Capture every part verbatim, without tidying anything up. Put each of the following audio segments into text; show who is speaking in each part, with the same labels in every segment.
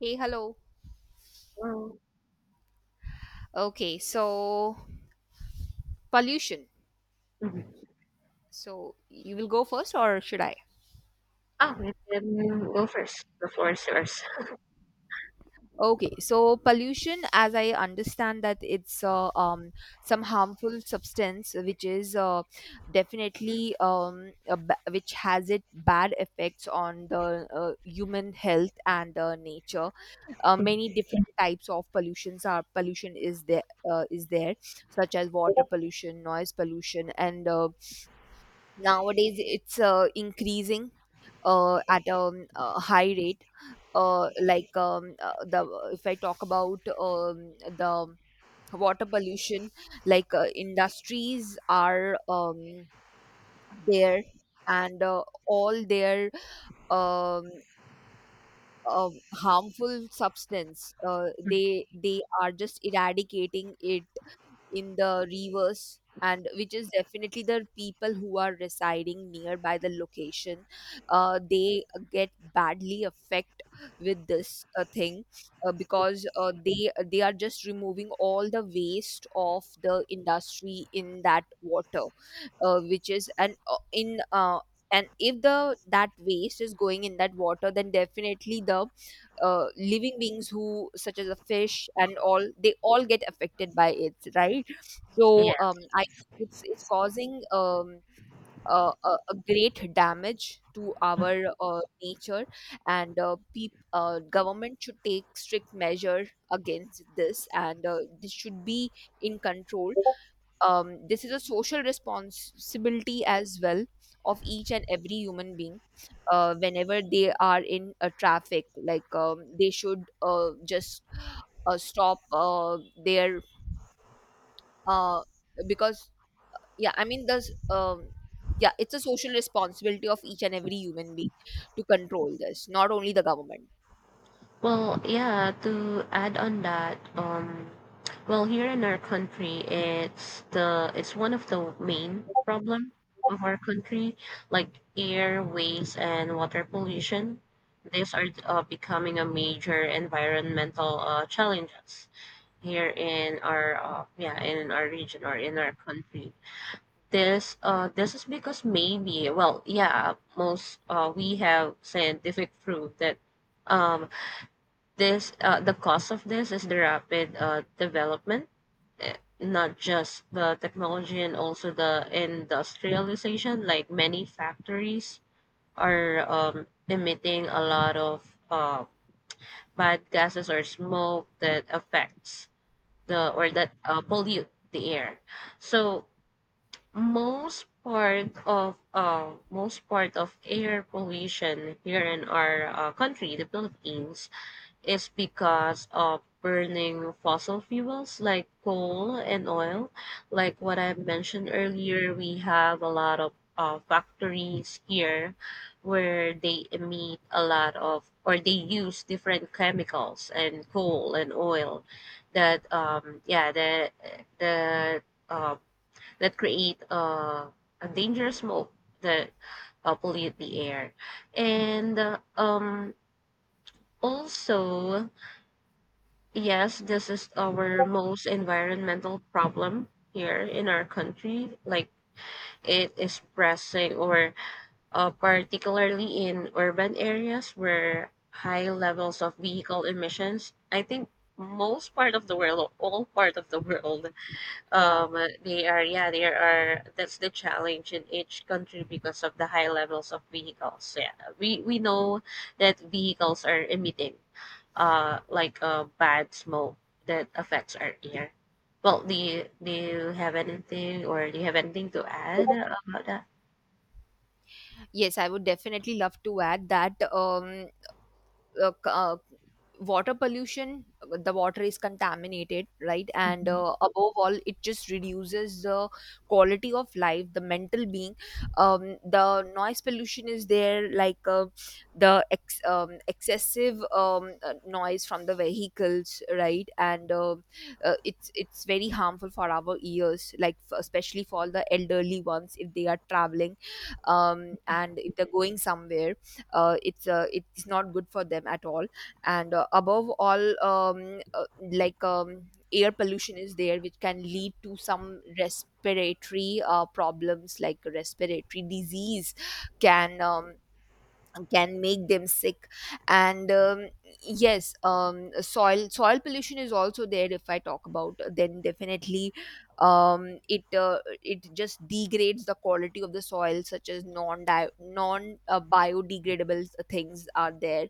Speaker 1: Hey, hello.
Speaker 2: Well,
Speaker 1: Okay, so pollution.
Speaker 2: mhm.
Speaker 1: So you will go first, or should I?
Speaker 2: Oh, you can go first. The floor is yours.
Speaker 1: Okay, so pollution, as I understand that it's uh, um, some harmful substance which is uh, definitely, um, a ba- which has it bad effects on the uh, human health and uh, nature. Uh, many different types of pollutions are pollution is there, uh, is there, such as water pollution, noise pollution, and uh, nowadays it's uh, increasing uh, at a, um, a high rate, uh, like, um, uh, the if I talk about um, the water pollution. Like, uh, industries are um, there, and uh, all their um, um, harmful substance, uh, they they are just eradicating it in the reverse, and which is definitely the people who are residing nearby the location, uh, they get badly affected with this uh, thing, uh, because uh, they they are just removing all the waste of the industry in that water, uh, which is an uh, in uh, and if the that waste is going in that water, then definitely the uh, living beings, who such as a fish, and all, they all get affected by it, right.
Speaker 2: Yeah.
Speaker 1: So, um, I it's it's causing, um, uh, a, a great damage to our uh, nature, and uh, peop uh, government should take strict measure against this, and uh, this should be in control. Um, this is a social responsibility as well of each and every human being. Uh, whenever they are in a traffic, like, um, they should uh, just uh, stop uh, their, uh, because, yeah I mean, there's, um yeah it's a social responsibility of each and every human being to control this, not only the government.
Speaker 2: Well, yeah, to add on that, um, well, here in our country, it's the it's one of the main problem of our country, like air, waste, and water pollution. These are uh, becoming a major environmental uh, challenges here in our uh, yeah, in our region or in our country. This uh this is because maybe, well, yeah, most uh we have scientific proof that um this uh the cause of this is the rapid uh development, eh, not just the technology and also the industrialization. Like many factories are um emitting a lot of uh bad gases or smoke that affects the, or that uh, pollute the air. So most part of uh, most part of air pollution here in our uh, country, the Philippines, is because of burning fossil fuels like coal and oil. Like what I mentioned earlier, we have a lot of uh, factories here where they emit a lot of, or they use different chemicals and coal and oil that um yeah the the uh, that create uh, a dangerous smoke that uh, pollute the air. And uh, um, also, yes, this is our most environmental problem here in our country. Like it is pressing, or uh, particularly in urban areas where high levels of vehicle emissions. I think most part of the world, or all part of the world,
Speaker 1: Yeah.
Speaker 2: um uh, they are yeah there are that's the challenge in each country because of the high levels of vehicles. Yeah, we we know that vehicles are emitting uh like a bad smoke that affects our air. Well, do you, do you have anything, or do you have anything to add about that?
Speaker 1: Yes, I would definitely love to add that. um uh, c- uh, Water pollution, the water is contaminated, right, and uh, above all, it just reduces the quality of life, the mental being. Um, the noise pollution is there, like, uh, the ex- um, excessive um, uh, noise from the vehicles, right, and uh, uh, it's it's very harmful for our ears, like, f- especially for the elderly ones, if they are traveling, um, and if they're going somewhere, uh, it's uh, it's not good for them at all. And uh, above all, um, uh, like um, air pollution is there, which can lead to some respiratory uh, problems, like respiratory disease, can um, can make them sick. And um, yes, um, soil soil pollution is also there, if I talk about, then definitely, um, it uh, it just degrades the quality of the soil, such as non non uh, biodegradable things are there,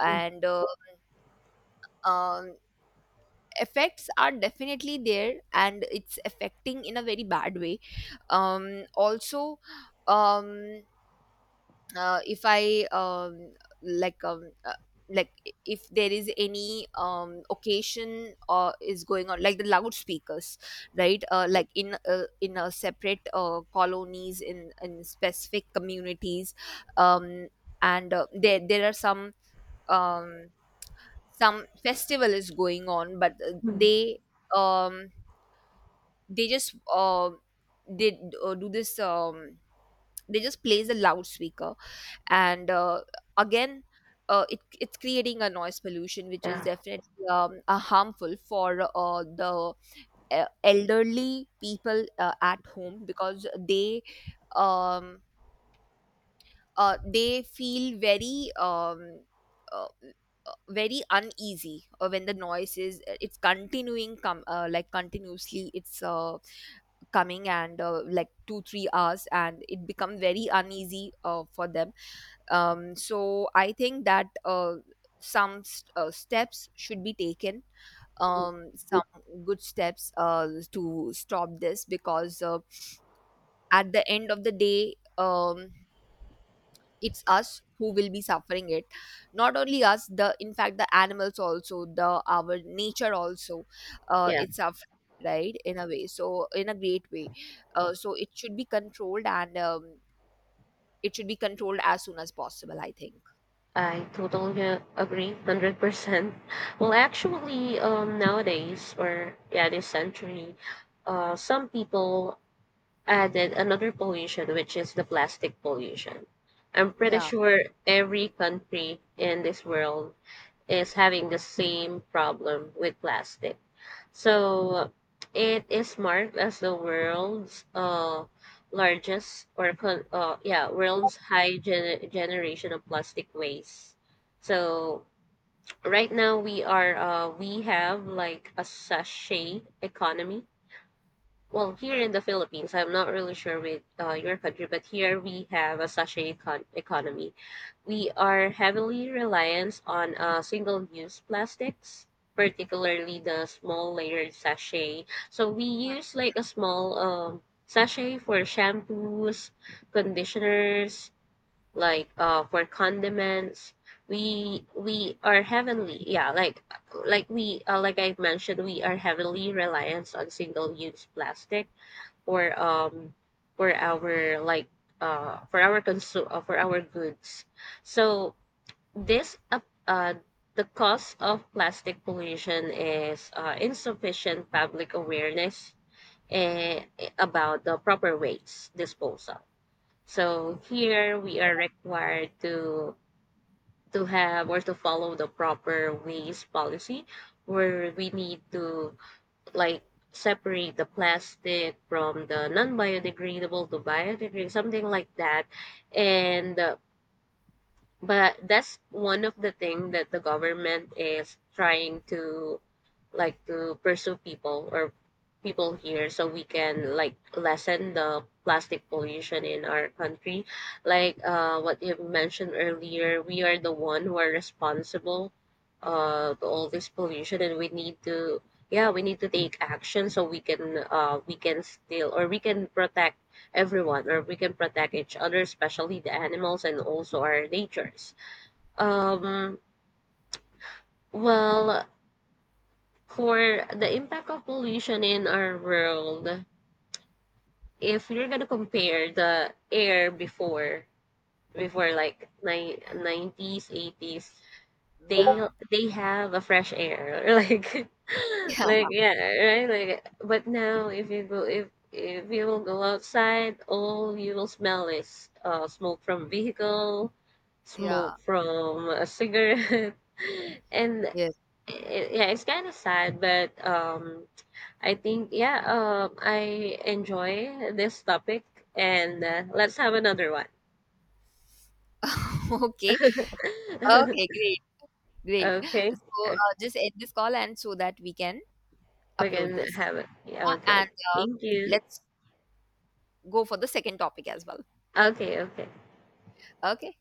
Speaker 1: and uh, um, effects are definitely there, and it's affecting in a very bad way. Um, also, um, uh, if I um, like um, uh, like if there is any um, occasion or is going on, like the loudspeakers, right, uh, like in uh, in a separate uh, colonies, in in specific communities, um, and uh, there there are some um, some festival is going on, but uh,
Speaker 2: Mhm.
Speaker 1: they, um, they just, uh, they, uh, do this, um, they just plays a loudspeaker, and uh, again, uh, it, it's creating a noise pollution, which is
Speaker 2: Yeah.
Speaker 1: definitely um, uh, harmful for uh, the uh, elderly people uh, at home, because they um, uh, they feel very, um, uh, uh, very uneasy, uh, when the noise is it's continuing, come, uh, like continuously, it's uh, coming, and uh, like two three hours, and it become very uneasy uh, for them. Um, so I think that, uh, some st- uh, steps should be taken, um, some good steps uh, to stop this, because uh, at the end of the day, um, it's us who will be suffering it, not only us, the in fact the animals also, the our nature also, uh,
Speaker 2: Yeah,
Speaker 1: it's suffering, right, in a way, so, in a great way, uh, so it should be controlled, and um, it should be controlled as soon as possible, I think.
Speaker 2: I totally uh, agree, hundred percent. Well, actually, um, nowadays, or yeah, this century, uh, some people added another pollution, which is the plastic pollution. I'm pretty
Speaker 1: Yeah.
Speaker 2: sure every country in this world is having the same problem with plastic. So it is marked as the world's uh, largest, or con- uh, yeah world's high gen- generation of plastic waste. So right now we are uh, we have like a sachet economy. Well, here
Speaker 1: Hmm.
Speaker 2: in the Philippines, I'm not really sure with uh, your country, but here we have a sachet econ- economy. We are heavily reliant on uh, single-use plastics, particularly the small layered sachet. So we
Speaker 1: Hmm.
Speaker 2: use like a small um, sachet for shampoos, conditioners, like uh, for condiments. We we are heavily yeah like like we uh, like I mentioned, we are heavily reliant on single-use plastic for um for our like uh for our consu- uh, for our goods. So this uh, uh, the cause of plastic pollution is uh, insufficient public awareness, eh, about the proper waste disposal. So here we are required to to have, or to follow, the proper waste policy where we need to, like, separate the plastic from the non-biodegradable to biodegradable, something like that. And uh, but that's one of the thing that the government is trying to, like, to pursue people, or people here, so we can, like, lessen the plastic pollution in our country. Like, uh what you mentioned earlier, we are the one who are responsible uh to all this pollution, and we need to, yeah, we need to take action so we can, uh we can still, or we can protect everyone, or we can protect each other, especially the animals and also our natures. um well, for the impact of pollution in our world, if you're gonna compare the air before, before like ni- nineties, eighties, they
Speaker 1: Yeah.
Speaker 2: they have a fresh air like
Speaker 1: Yeah,
Speaker 2: like yeah, right, like, but now if you go, if if you will go outside, all you will smell is uh smoke from vehicle, smoke
Speaker 1: yeah,
Speaker 2: from a cigarette and
Speaker 1: yes.
Speaker 2: it, yeah, it's kind of sad, but um I think, yeah, um I enjoy this topic, and uh, let's have another one.
Speaker 1: Okay, okay, great, great.
Speaker 2: Okay.
Speaker 1: So uh, just end this call and so that we can
Speaker 2: We
Speaker 1: upload
Speaker 2: can
Speaker 1: this.
Speaker 2: have it. Yeah.
Speaker 1: Yeah,
Speaker 2: Okay.
Speaker 1: and uh,
Speaker 2: Thank you.
Speaker 1: let's go for the second topic as well.
Speaker 2: Okay, okay.
Speaker 1: Okay.